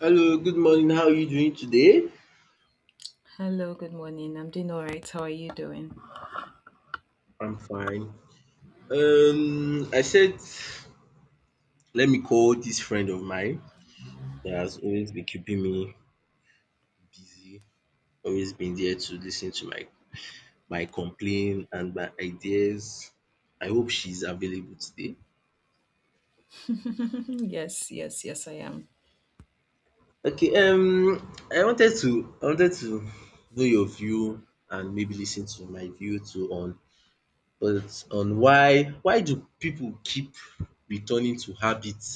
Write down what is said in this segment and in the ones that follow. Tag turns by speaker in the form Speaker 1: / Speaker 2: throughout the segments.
Speaker 1: Hello, good morning. How are you doing today?
Speaker 2: Hello, good morning. I'm doing all right. How are you doing?
Speaker 1: I'm fine. I said let me call this friend of mine that has always been keeping me busy, always been there to listen to my complaint and my ideas. I hope she's available today.
Speaker 2: Yes, yes, yes, I am.
Speaker 1: Okay, I wanted to know your view and maybe listen to my view too on but on why do people keep returning to habits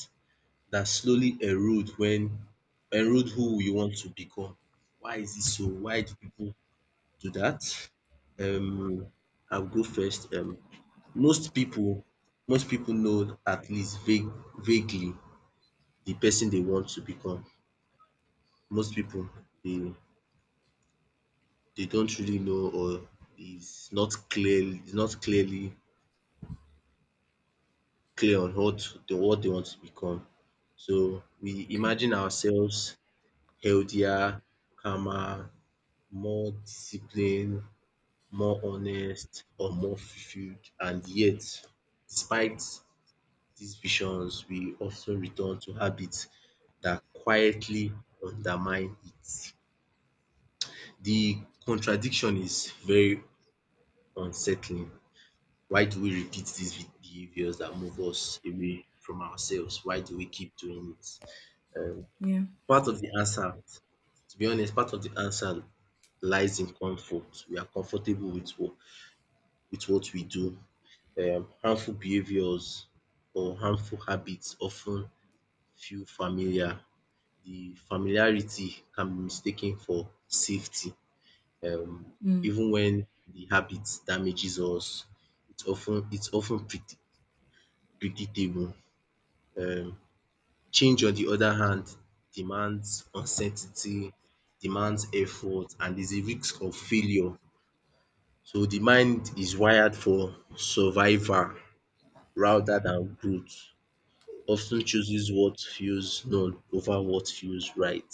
Speaker 1: that slowly erode when erode who we want to become. Why is it so? Why do people do that? Um, I'll go first. Most people most people know at least vaguely the person they want to become. Most people they they don't really know or is not clear on what they want to become. So we
Speaker 2: Okay.
Speaker 1: imagine ourselves healthier, calmer, more disciplined, more honest, or more fulfilled. And yet, despite these visions, we often return to habits that quietly undermine it. The contradiction is very unsettling. Why do we repeat these behaviors that move us away from ourselves? Why do we keep doing it?
Speaker 2: Yeah.
Speaker 1: Part of the answer, to be honest, part of the answer lies in comfort. We are comfortable with with what we do. Harmful behaviors or Harmful habits often feel familiar. The familiarity can be mistaken for safety, um
Speaker 2: Mm,
Speaker 1: even when the habit damages us. It's often ten predictable. um Change on the other hand demands uncertainty, demands effort, and there's a risk of failure. So the mind is wired for survival rather than growth, often chooses what feels known over what feels right.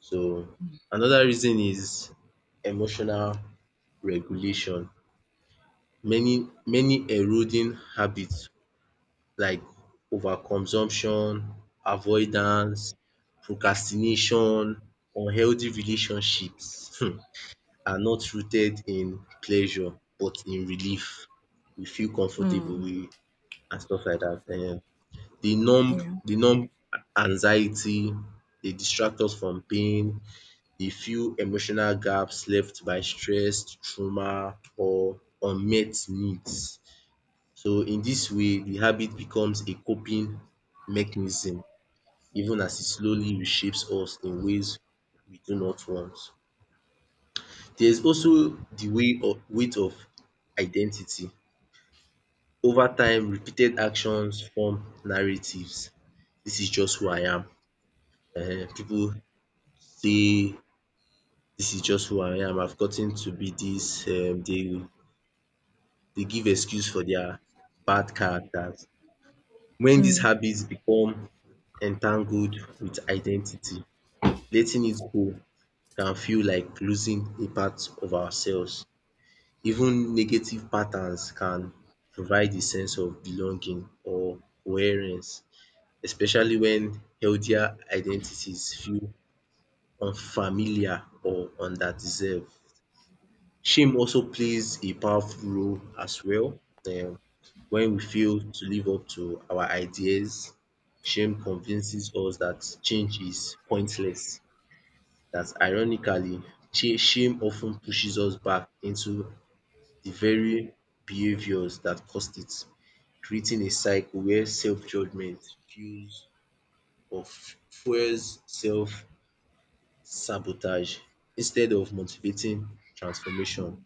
Speaker 1: So another reason is emotional regulation. Many eroding habits like overconsumption, avoidance, procrastination, unhealthy relationships, are not rooted in pleasure but in relief. We feel comfortable
Speaker 2: mm,
Speaker 1: with and stuff like that. Dey numb
Speaker 2: yeah.
Speaker 1: dey numb anxiety, they distract us from pain, dey fill emotional gaps left by stress, trauma or unmet needs. So in this way the habit becomes a coping mechanism even as it slowly reshapes us in ways we do not want. There is also the way of weight of identity. Over time repeated actions form narratives. "This is just who I am." Pipu say, "This is just who I am, I've gotten to be this." They give excuse for their bad characters. When these
Speaker 2: Mm,
Speaker 1: habits become entangled with identity, letting it go can feel like losing a part of ourselves. Even negative patterns can provide a sense of belonging or coherence, especially when healthier identities feel unfamiliar or underdeserved. Shame also plays a powerful role as well. um When we fail to live up to our ideas, shame convinces us that change is pointless. That ironically, shame often pushes us back into the very behaviors that caused it, creating a cycle where self-judgment fuels self-sabotage instead of motivating transformation.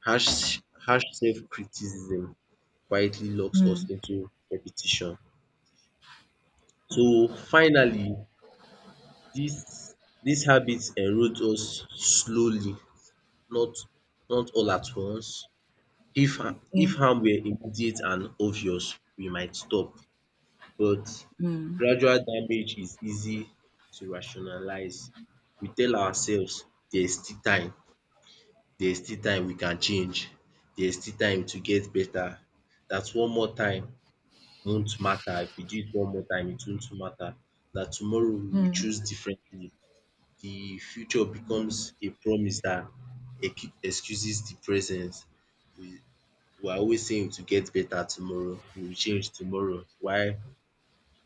Speaker 1: Harsh self-criticism quietly locks us
Speaker 2: mm,
Speaker 1: into repetition. So finally, this this habit erodes us slowly, not not all at once. If ha-
Speaker 2: yeah.
Speaker 1: if harm were immediate and obvious, we might stop, but
Speaker 2: Mm,
Speaker 1: gradual damage is easy to rationalize. We tell ourselves there's still time, there's still time we can change, there's still time to get better, that's one more time won't matter. If we do it one more time, it won't matter. That tomorrow we will choose
Speaker 2: mm,
Speaker 1: differently. The future becomes a promise that excuses the present. We, we are always saying to get better tomorrow, we will change tomorrow. Why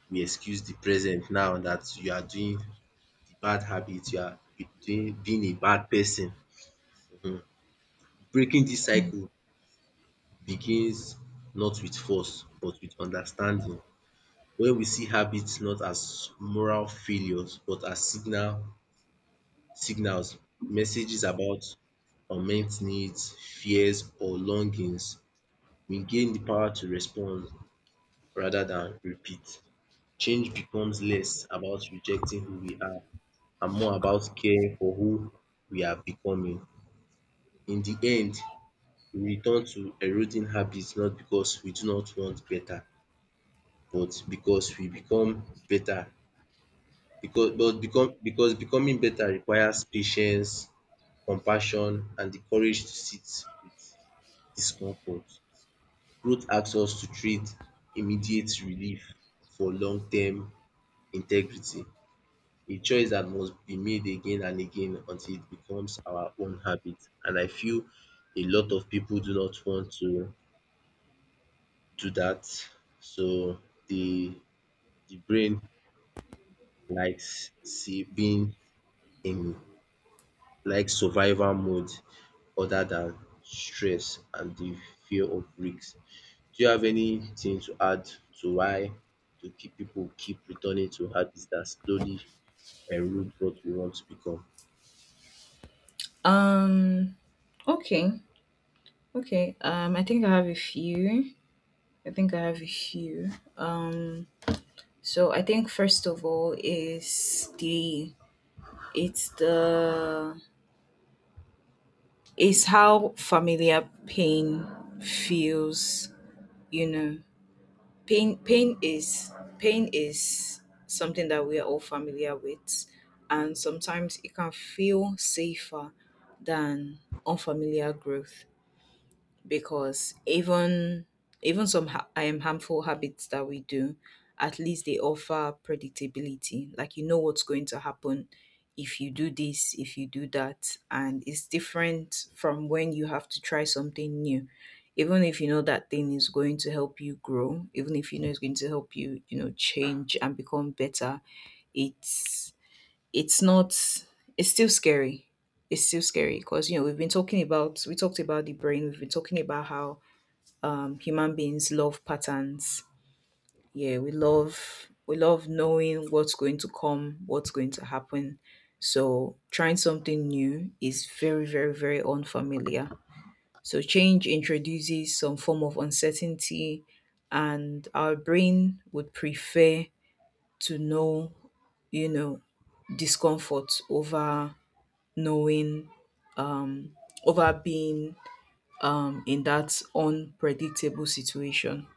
Speaker 1: we excuse the present now that you are doing the bad habit, you are being a bad person. Mhm. Breaking this
Speaker 2: mm.
Speaker 1: cycle begins not with force but with understanding. When we see habits not as moral failures but as signals, messages about unmet needs, fears or longings, we gain the power to respond rather than repeat. Change becomes less about rejecting who we are and more about caring for who we are becoming. In the end, we return to eroding habits not because we do not want better, but because we become better because but become because becoming better requires patience, compassion, and the courage to sit with discomfort. Growth asks us to trade immediate relief for long-term integrity, a choice that must be made again and again until it becomes our own habit. And I feel a lot of people do not want to do that. So the brain likes see being in, like, survival mode other than stress and the fear of risk. Do you have anything to add to why to keep people keep returning to habits that slowly erode what we want to become?
Speaker 2: Um, okay. Okay. I think I have a few. I think I have a few. Um, so I think first of all is the it's how familiar pain feels, you know, pain pain is pain is something that we are all familiar with, and sometimes it can feel safer than unfamiliar growth, because even some harmful habits that we do, at least they offer predictability. Like, you know what's going to happen if you do this, if you do that, and it's different from when you have to try something new. Even if you know that thing is going to help you grow, even if you know it's going to help you, you know, change and become better, it's it's not it's still scary. It's still scary because, you know, we talked about the brain. We've been talking about how human beings love patterns. Yeah, we love knowing what's going to come, what's going to happen. So trying something new is very unfamiliar, so change introduces some form of uncertainty, and our brain would prefer to know, you know, discomfort over knowing over being in that unpredictable situation.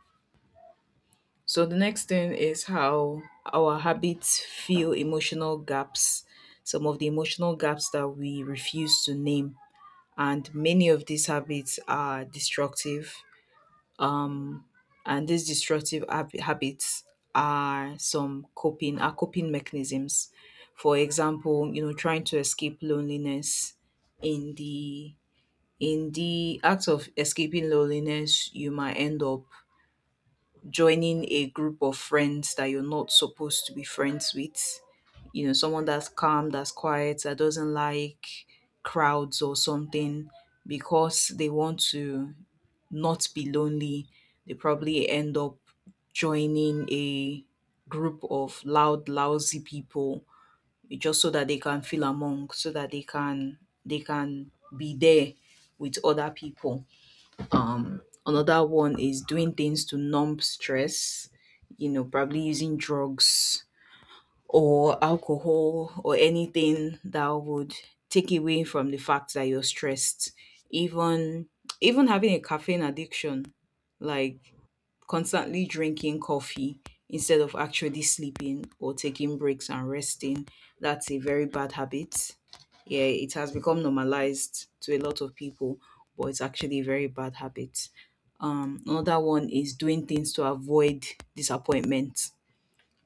Speaker 2: So the next thing is how our habits fill emotional gaps, some of the emotional gaps that we refuse to name. And many of these habits are destructive. Um, and these destructive habits are some coping are coping mechanisms. For example, you know, trying to escape loneliness in the in the act of escaping loneliness, you might end up joining a group of friends that you're not supposed to be friends with. You know, someone that's calm, that's quiet, that doesn't like crowds or something, because they want to not be lonely. They probably end up joining a group of loud, lousy people just so that they can feel among, so that they can be there with other people. Another one is doing things to numb stress, you know, probably using drugs or alcohol or anything that would take away from the fact that you're stressed. Even even having a caffeine addiction, like constantly drinking coffee instead of actually sleeping or taking breaks and resting, that's a very bad habit. Yeah, it has become normalized to a lot of people, but it's actually a very bad habit. Another one is doing things to avoid disappointment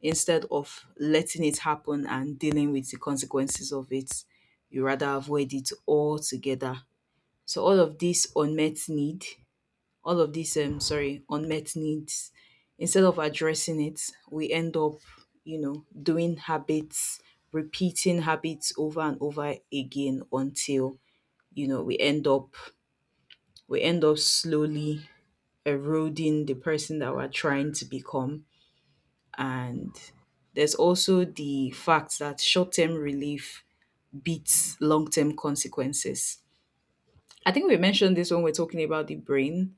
Speaker 2: instead of letting it happen and dealing with the consequences of it. You rather avoid it altogether. So all of these sorry, unmet needs, instead of addressing it, we end up, you know, doing habits, repeating habits over and over again until, you know, we end up slowly eroding the person that we're trying to become. And there's also the fact that short term relief beats long term consequences. I think we mentioned this when we're talking about the brain.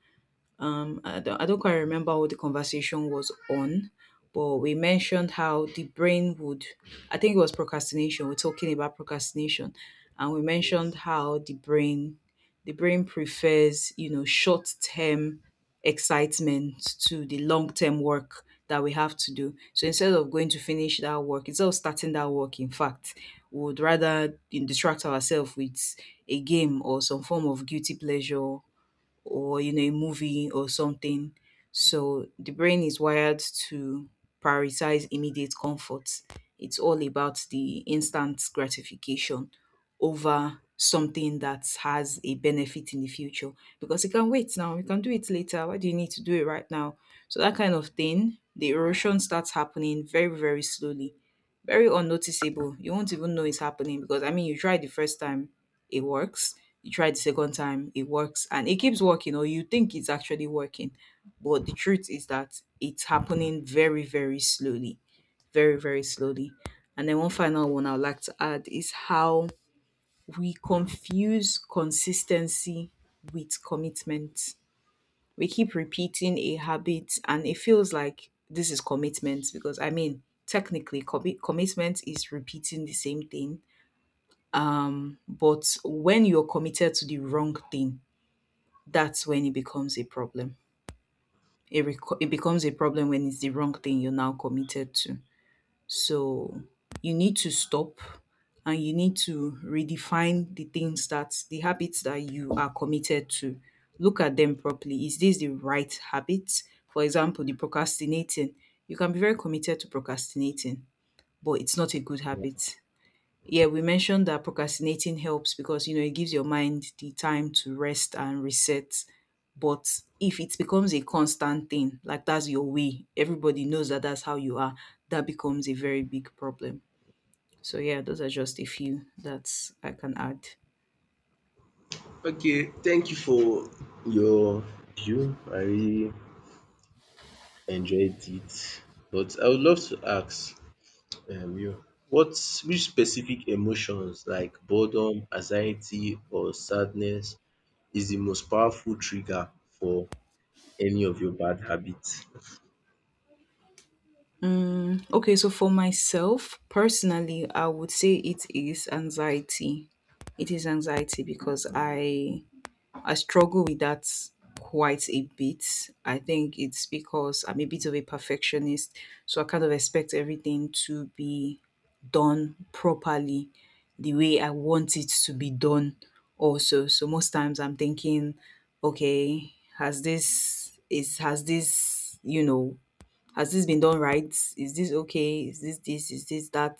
Speaker 2: I don't quite remember what the conversation was on, but we mentioned how the brain would, I think it was procrastination. We're talking about procrastination, and we mentioned
Speaker 1: Yes.
Speaker 2: how the brain prefers, you know, short term excitement to the long term work that we have to do. So instead of going to finish that work, instead of starting that work, in fact, we would rather distract ourselves with a game or some form of guilty pleasure, or, you know, a movie or something. So the brain is wired to prioritize immediate comfort. It's all about the instant gratification over something that has a benefit in the future, because you can wait now, you can do it later, why do you need to do it right now? So that kind of thing, the erosion starts happening very, very slowly, very unnoticeable. You won't even know it's happening, because I mean, you try the first time, it works. You try the second time, it works, and it keeps working, or you think it's actually working. But the truth is that it's happening very, very slowly, very, very slowly. And then one final one I'd like to add is how we confuse consistency with commitment. We keep repeating a habit, and it feels like this is commitment, because I mean, technically, commitment is repeating the same thing. But when you're committed to the wrong thing, that's when it becomes a problem. It becomes a problem when it's the wrong thing you're now committed to. So you need to stop, and you need to redefine the habits that you are committed to. Look at them properly. Is this the right habit? For example, the procrastinating, you can be very committed to procrastinating, but it's not a good
Speaker 1: Yeah.
Speaker 2: habit. Yeah, we mentioned that procrastinating helps because, you know, it gives your mind the time to rest and reset. But if it becomes a constant thing, like that's your way, everybody knows that that's how you are, that becomes a very big problem. So yeah, those are just a few that I can add.
Speaker 1: Okay, thank you for your view. I really enjoyed it. But I would love to ask, you what which specific emotions like boredom, anxiety or sadness is the most powerful trigger for any of your bad habits.
Speaker 2: Okay, so for myself personally, I would say it is anxiety. It is anxiety because I struggle with that quite a bit. I think it's because I'm a bit of a perfectionist, so I kind of expect everything to be done properly, the way I want it to be done also. So most times I'm thinking, okay, has this, you know, has this been done right, is this okay, is this that?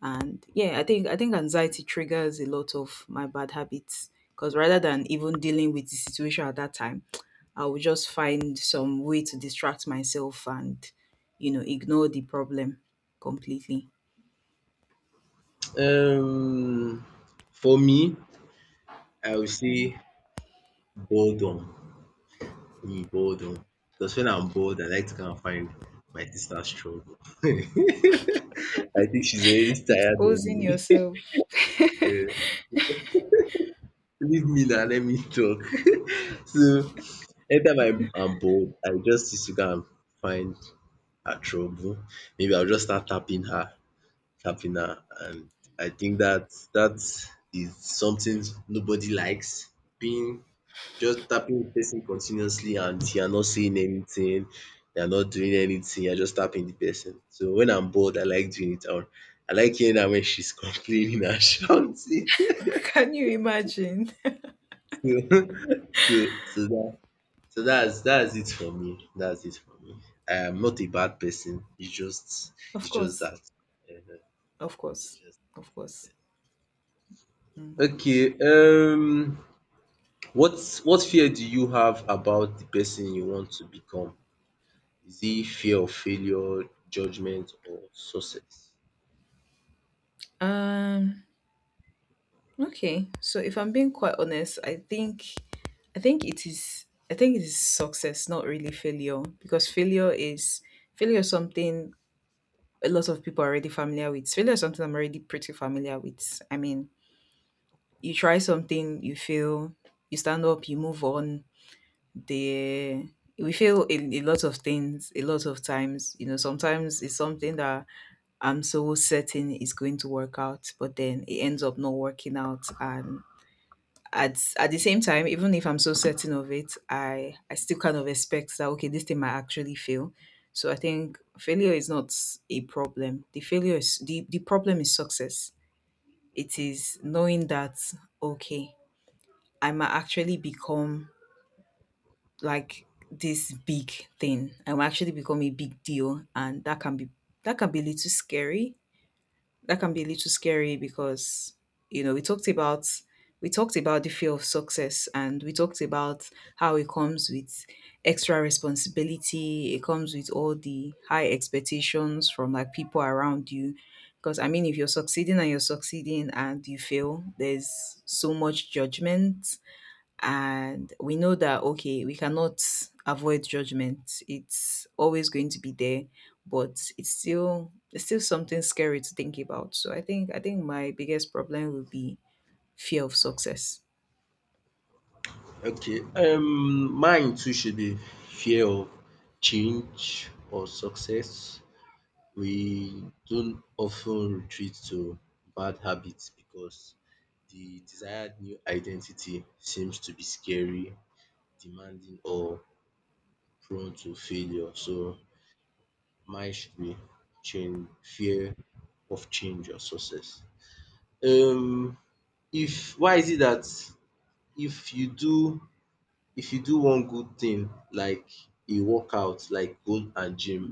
Speaker 2: And yeah, I think anxiety triggers a lot of my bad habits, because rather than even dealing with the situation at that time, I will just find some way to distract myself and, you know, ignore the problem completely.
Speaker 1: Um for me, I would say boredom. um boredom because when I'm bored I like to go and find my sister's trouble. I think she's already tired of
Speaker 2: Exposing
Speaker 1: me.
Speaker 2: yourself.
Speaker 1: um leave me now. Let me talk. So anytime I'm bored I just used to go and find her trouble. Maybe I'll just start tapping her sharpener, and I think that that is something nobody likes. Being just tapping the person continuously and you're not saying anything, you're not doing anything, you're just tapping the person. So when I'm bored, I like doing it. Or I like hearing her when she's complaining and shouting.
Speaker 2: Can you imagine?
Speaker 1: So, so, so that, so that's it for me. That's it for me. I am not a bad person. It's just,
Speaker 2: Of
Speaker 1: it's just
Speaker 2: course.
Speaker 1: that. Uh-huh.
Speaker 2: Of
Speaker 1: It's
Speaker 2: course.
Speaker 1: just
Speaker 2: Of course. Mm.
Speaker 1: okay. What fear do you have about the person you want to become? Is it fear of failure, judgment or success?
Speaker 2: Um. Okay, so if I'm being quite honest, I think it is success, not really failure, because failure is something a lot of people are already familiar with. Failure is something I'm already pretty familiar with. I mean, you try something, you fail, you stand up, you move on. The We fail in a lot of things, a lot of times. You know, sometimes it's something that I'm so certain is going to work out, but then it ends up not working out. And at the same time, even if I'm so certain of it, I still kind of expect that, okay, this thing might actually fail. So I think failure is not a problem. The problem is success. It is knowing that, okay, I might actually become like this big thing. I might actually become a big deal, and that can be a little scary. That can be a little scary because, you know, we talked about the fear of success, and we talked about how it comes with extra responsibility. It comes with all the high expectations from, like, people around you. Because I mean, if you're succeeding and you're succeeding and you fail, there's so much judgment. And we know that, okay, we cannot avoid judgment, it's always going to be there, but it's still something scary to think about. So I think my biggest problem would be fear of success.
Speaker 1: Okay, mine too should be fear of change or success. We don't often retreat to bad habits because the desired new identity seems to be scary, demanding or prone to failure. So mine should be change fear of change or success. Um if why is it that if you do if you do one good thing like a workout, like go and gym,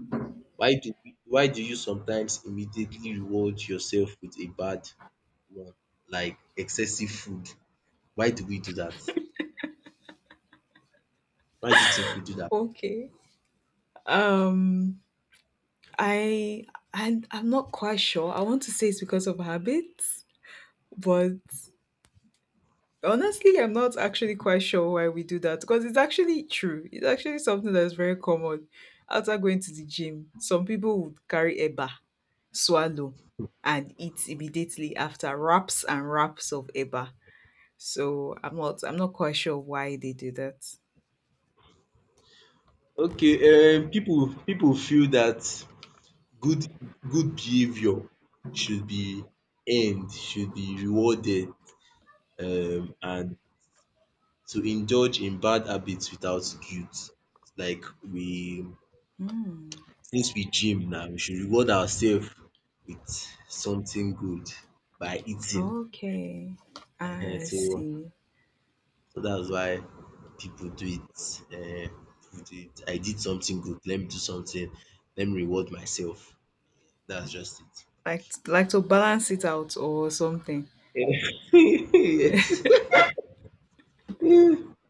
Speaker 1: why do why do you sometimes immediately reward yourself with a bad one like excessive food? Why do we do that? Why do you think we do that?
Speaker 2: Okay, um I and I'm not quite sure. I want to say it's because of habits, but honestly, I'm not actually quite sure why we do that, because it's actually true. It's actually something that is very common. After going to the gym, some people would carry eba, swallow, and eat immediately after wraps and wraps of eba. So I'm not quite sure why they do that.
Speaker 1: Okay, people feel that good good behaviour should be earned, should be rewarded, and to indulge in bad habits without guilt, like we
Speaker 2: Hmm.
Speaker 1: since we gym now, we should reward ourselves with something good by eating.
Speaker 2: Okay,
Speaker 1: um
Speaker 2: I
Speaker 1: so
Speaker 2: see.
Speaker 1: so that's why people do it. Um pipu do it. I did something good, let me do something, let me reward myself, that's just
Speaker 2: Like to balance it out or something.
Speaker 1: it. Yes.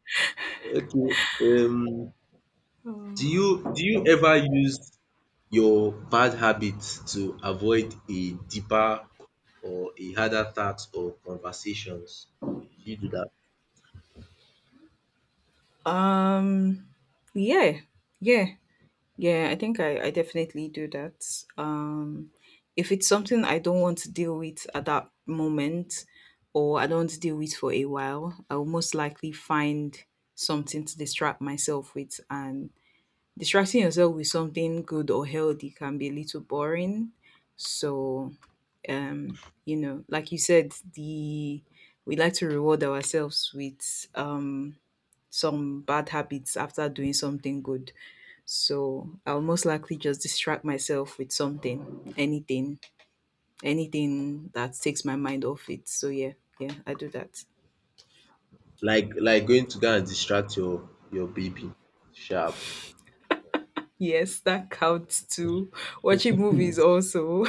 Speaker 1: Okay. Um, do you ever use your bad habits to avoid a deeper or a harder task or conversations? Do you do that?
Speaker 2: Um. Yeah. Yeah. Yeah, I think I definitely do that. If it's something I don't want to deal with at that moment, or I don't want to deal with for a while, I will most likely find something to distract myself with. And distracting yourself with something good or healthy can be a little boring. So, you know, like you said, the we like to reward ourselves with some bad habits after doing something good. So I'll most likely just distract myself with something, anything, anything that takes my mind off it. So yeah, yeah, I do that.
Speaker 1: Like going to go and distract your baby. Sharp.
Speaker 2: Yes, that counts too. Watching movies also.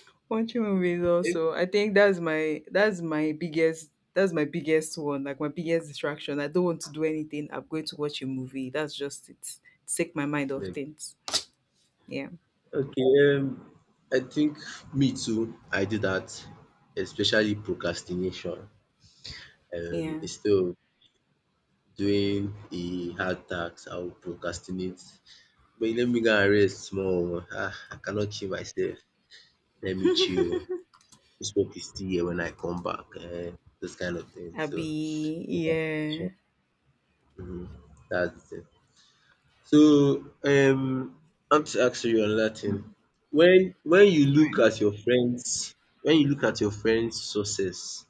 Speaker 2: Watching movies also. I think that's my biggest, that's my biggest one, like my biggest distraction. I don't want to do anything, I'm going to watch a movie. That's just it. Take my mind off
Speaker 1: Like,
Speaker 2: things. Yeah.
Speaker 1: okay. I think me too. I do that, especially procrastination. Um,
Speaker 2: Yeah.
Speaker 1: instead of doing a hard task, I will procrastinate. But let me go and rest small. Ah, I cannot kill myself. Let me chill oo. This work is still here when I come back. Those kind of things.
Speaker 2: I'll
Speaker 1: So
Speaker 2: be
Speaker 1: procrastination,
Speaker 2: yeah.
Speaker 1: um that's it. So I want to ask you another thing. When when you
Speaker 2: All
Speaker 1: look
Speaker 2: right.
Speaker 1: at your friends when you look at your friends success,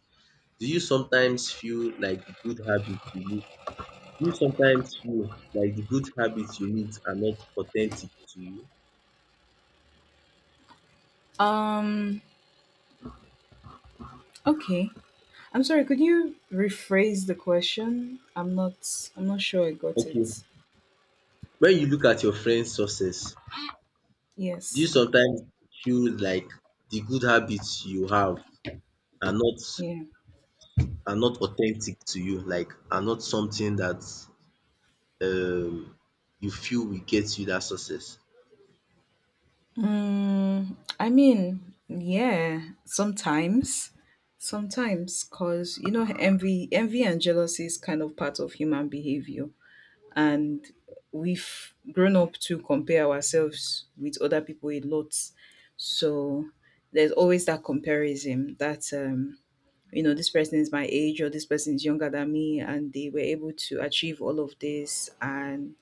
Speaker 1: do you sometimes feel like the good habits you need do you sometimes feel like the good habits you need are not authentic to you?
Speaker 2: Um okay. I'm sorry, could you rephrase the question? I'm not sure I got
Speaker 1: Okay.
Speaker 2: it.
Speaker 1: When you look at your friend's success, do you
Speaker 2: Yes.
Speaker 1: sometimes feel like the good habits you have are not
Speaker 2: Yeah.
Speaker 1: are not authentic to you, like are not something that um you feel will get you that success?
Speaker 2: Mm, I mean, yeah, sometimes. Sometimes cuz you know envy and jealousy is kind of part of human behavior, and we've grown up to compare ourselves with other people a lot. So there's always that comparison that you know, this person is my age or this person is younger than me, and they were able to achieve all of this. And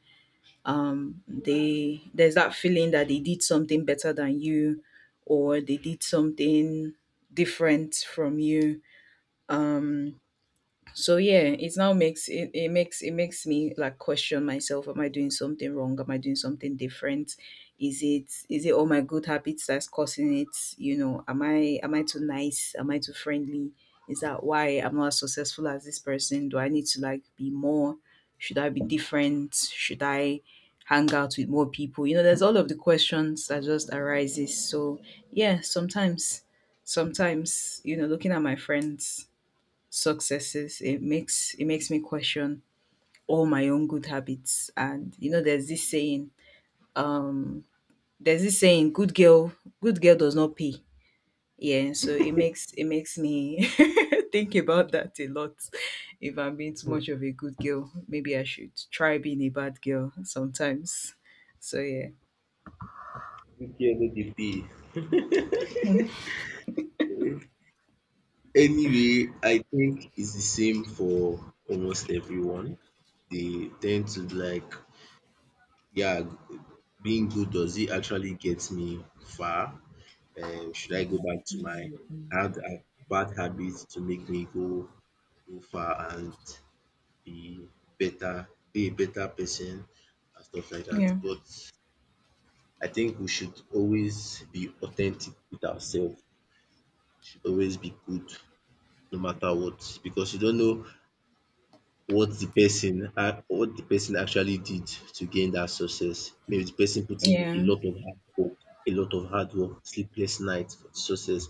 Speaker 2: they there's that feeling that they did something better than you, or they did something different from you. Um, so yeah, it makes me like question myself. Am I doing something wrong? Am I doing something different? Is it all my good habits that's causing it? You know, am I too nice, am I too friendly? Is that why I'm not as successful as this person? Do I need to like be more? Should I be different? Should I hang out with more people? You know, there's all of the questions that just arises. So yeah, sometimes, sometimes you know looking at my friends successes, it makes me question all my own good habits. And you know, there's this saying, um, there's this saying, good girl, good girl does not pay. Yeah, so it makes me think about that a lot. If I'm being too much of a good girl, maybe I should try being a bad girl sometimes. So yeah.
Speaker 1: Okay, no dey pay. Anyway, I think it's the same for almost everyone. They tend to like, yeah, being good, does it actually get me far? Should I go back to my hard, bad habits to make me go far and be better, be a better person and stuff like that.
Speaker 2: Yeah.
Speaker 1: But I think we should always be authentic with ourselves. We should always be good no matter what, because you don't know what the person a- what the person actually did to gain that success. Maybe the person put in a
Speaker 2: Yeah.
Speaker 1: lot of hard work, a lot of hard work, sleepless nights for the success.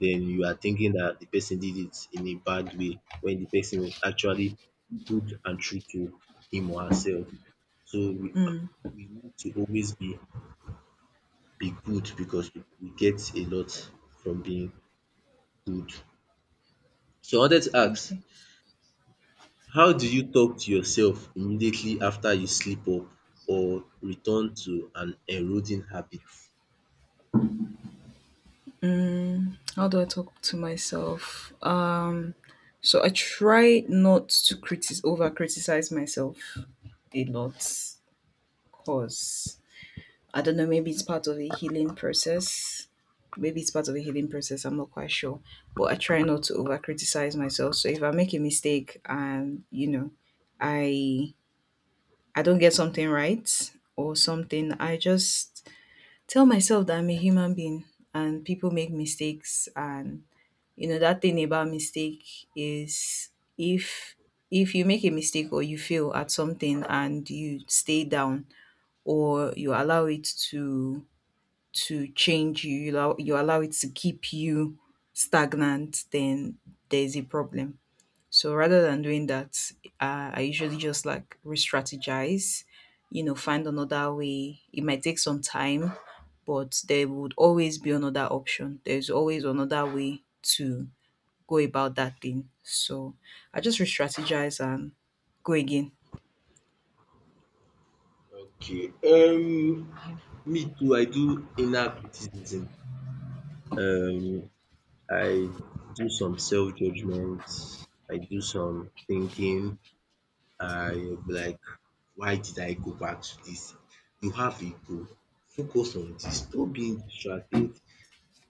Speaker 1: Then you are thinking that the person did it in a bad way when the person was actually good and true to him or herself. So we,
Speaker 2: Mm.
Speaker 1: we need to always be good, because we get a lot from being good. So I wanted to ask, how do you talk to yourself immediately after you slip up or return to an eroding habit?
Speaker 2: How do I talk to myself? So I try not to critic over criticize myself a lot, because I don't know, maybe it's part of a healing process. Maybe it's part of a healing process, I'm not quite sure. But I try not to over criticize myself. So if I make a mistake and you know, I I don't get something right or something, I just tell myself that I'm a human being and people make mistakes. And you know that thing about mistake is, if if you make a mistake or you fail at something and you stay down, or you allow it to change you, you allow it to keep you stagnant, then there's a problem. So rather than doing that, I usually just like re-strategize, you know, find another way. It might take some time, but there would always be another option. There's always another way to go about that thing. So I just re strategize and go again.
Speaker 1: Okay, me too, I do inner criticism. Um I do some self-judgment, I do some thinking, I be like, why did I go back to this? You have a goal, focus on this. Stop being distracted,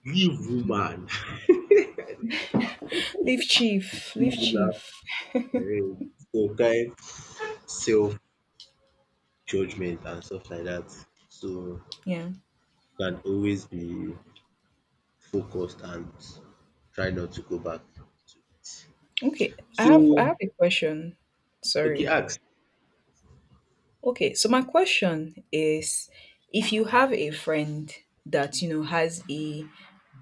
Speaker 1: leave woman. I know you
Speaker 2: Leave chief, leave
Speaker 1: laugh.
Speaker 2: chief.
Speaker 1: There is. So crime, self-judgment and stuff like that. So
Speaker 2: Yeah.
Speaker 1: can always be focused and try not to go back to it.
Speaker 2: Okay. I have I
Speaker 1: So
Speaker 2: have a question.
Speaker 1: okay,
Speaker 2: Sorry.
Speaker 1: ask.
Speaker 2: Okay, so my question is, if you have a friend that you know has a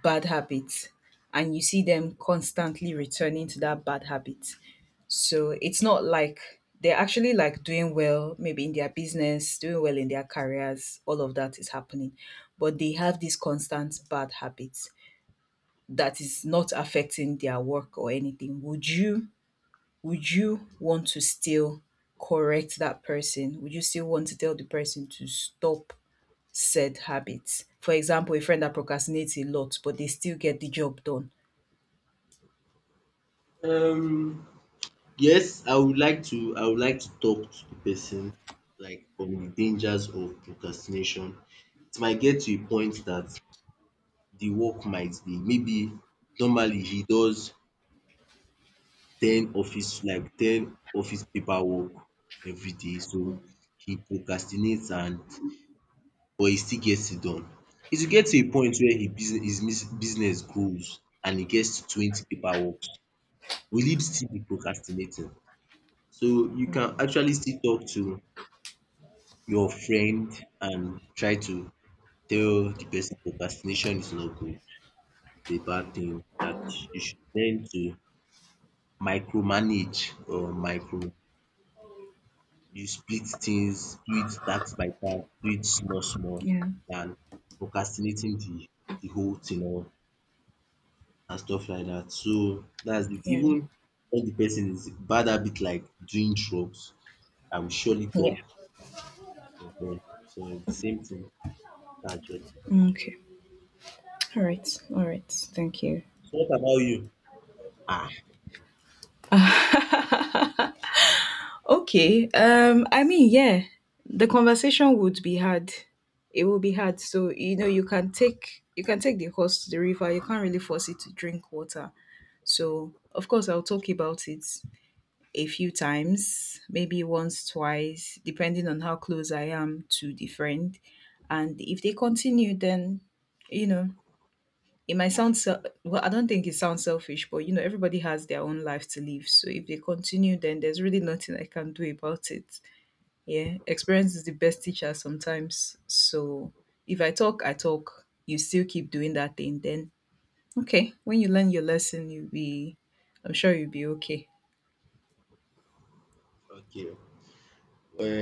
Speaker 2: bad habit and you see them constantly returning to that bad habit, so it's not like they're actually like doing well, maybe in their business, doing well in their careers, all of that is happening. But they have these constant bad habits that is not affecting their work or anything. Would you want to still correct that person? Would you still want to tell the person to stop said habits? For example, a friend that procrastinates a lot, but they still get the job done.
Speaker 1: Um yes, I would like to talk to the person, like on the dangers of procrastination. It might get to a point that the work might be maybe normally he does ten office paperwork everyday, so he procrastinates, and but he still gets it done. It will get to a point where he business his mis- business grows and he gets to 20 paperwork works, will he still be procrastinating? So you can actually still talk to your friend and try to tell the person procrastination is not good, it's a bad thing, that you should learn to micromanage, or micro you split things, do it task by task, do it small small
Speaker 2: Yeah.
Speaker 1: than procrastinating the whole thing, or and stuff like that. So that's it.
Speaker 2: Yeah.
Speaker 1: Even when the person is bad habit like doing drugs, I will surely
Speaker 2: Yeah.
Speaker 1: talk. Ehen. So it's the same thing. That's just it.
Speaker 2: Okay. All right. All right. Thank you.
Speaker 1: So what about you? Ah,
Speaker 2: Okay. I mean, yeah, the conversation would be hard. It will be hard. So, you know, you can take the horse to the river. You can't really force it to drink water. So, of course, I'll talk about it a few times, maybe once, twice, depending on how close I am to the friend. And if they continue, then you know, it might sound well. I don't think it sounds selfish, but you know, everybody has their own life to live. So if they continue, then there's really nothing I can do about it. Yeah, experience is the best teacher sometimes. So if I talk, I talk. You still keep doing that thing, then okay. When you learn your lesson, I'm sure you'll be okay.
Speaker 1: okay.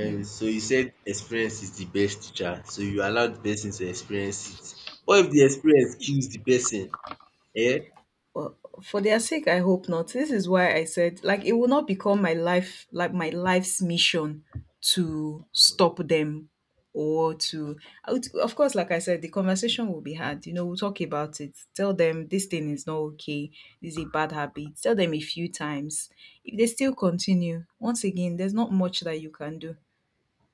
Speaker 2: Yeah.
Speaker 1: so you said experience is the best teacher. So you allow the person to experience it. What if the experience kills the person? Eh?
Speaker 2: Well, for their sake, I hope not. This is why I said, like, it will not become my life, like my life's mission to stop them or
Speaker 1: Okay.
Speaker 2: to, I of course, like I said, the conversation will be had. You know, we'll talk about it. Tell them this thing is not okay. This is a bad habit. Tell them a few times. If they still continue, once again, there's not much that you can do.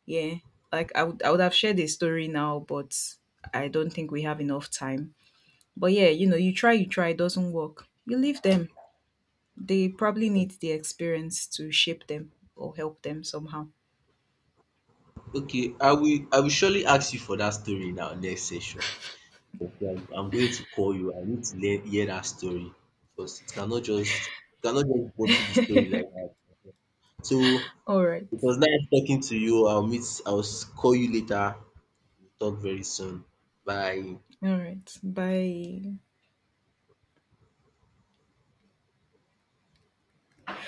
Speaker 2: Yeah. Like, I would have shared a story now, but I don't think we have enough time. But yeah, you know, you try, it doesn't work, you leave them. They probably need the experience to shape them or help them somehow.
Speaker 1: Okay, I will surely ask you for that story in our next session. Okay, I'm going to call you. I need to hear that story because it cannot just you cannot just go bottle the story like that. So
Speaker 2: All right,
Speaker 1: it was nice talking to you. I'll meet. Call you later. We'll talk very soon. Bye.
Speaker 2: all right, bye.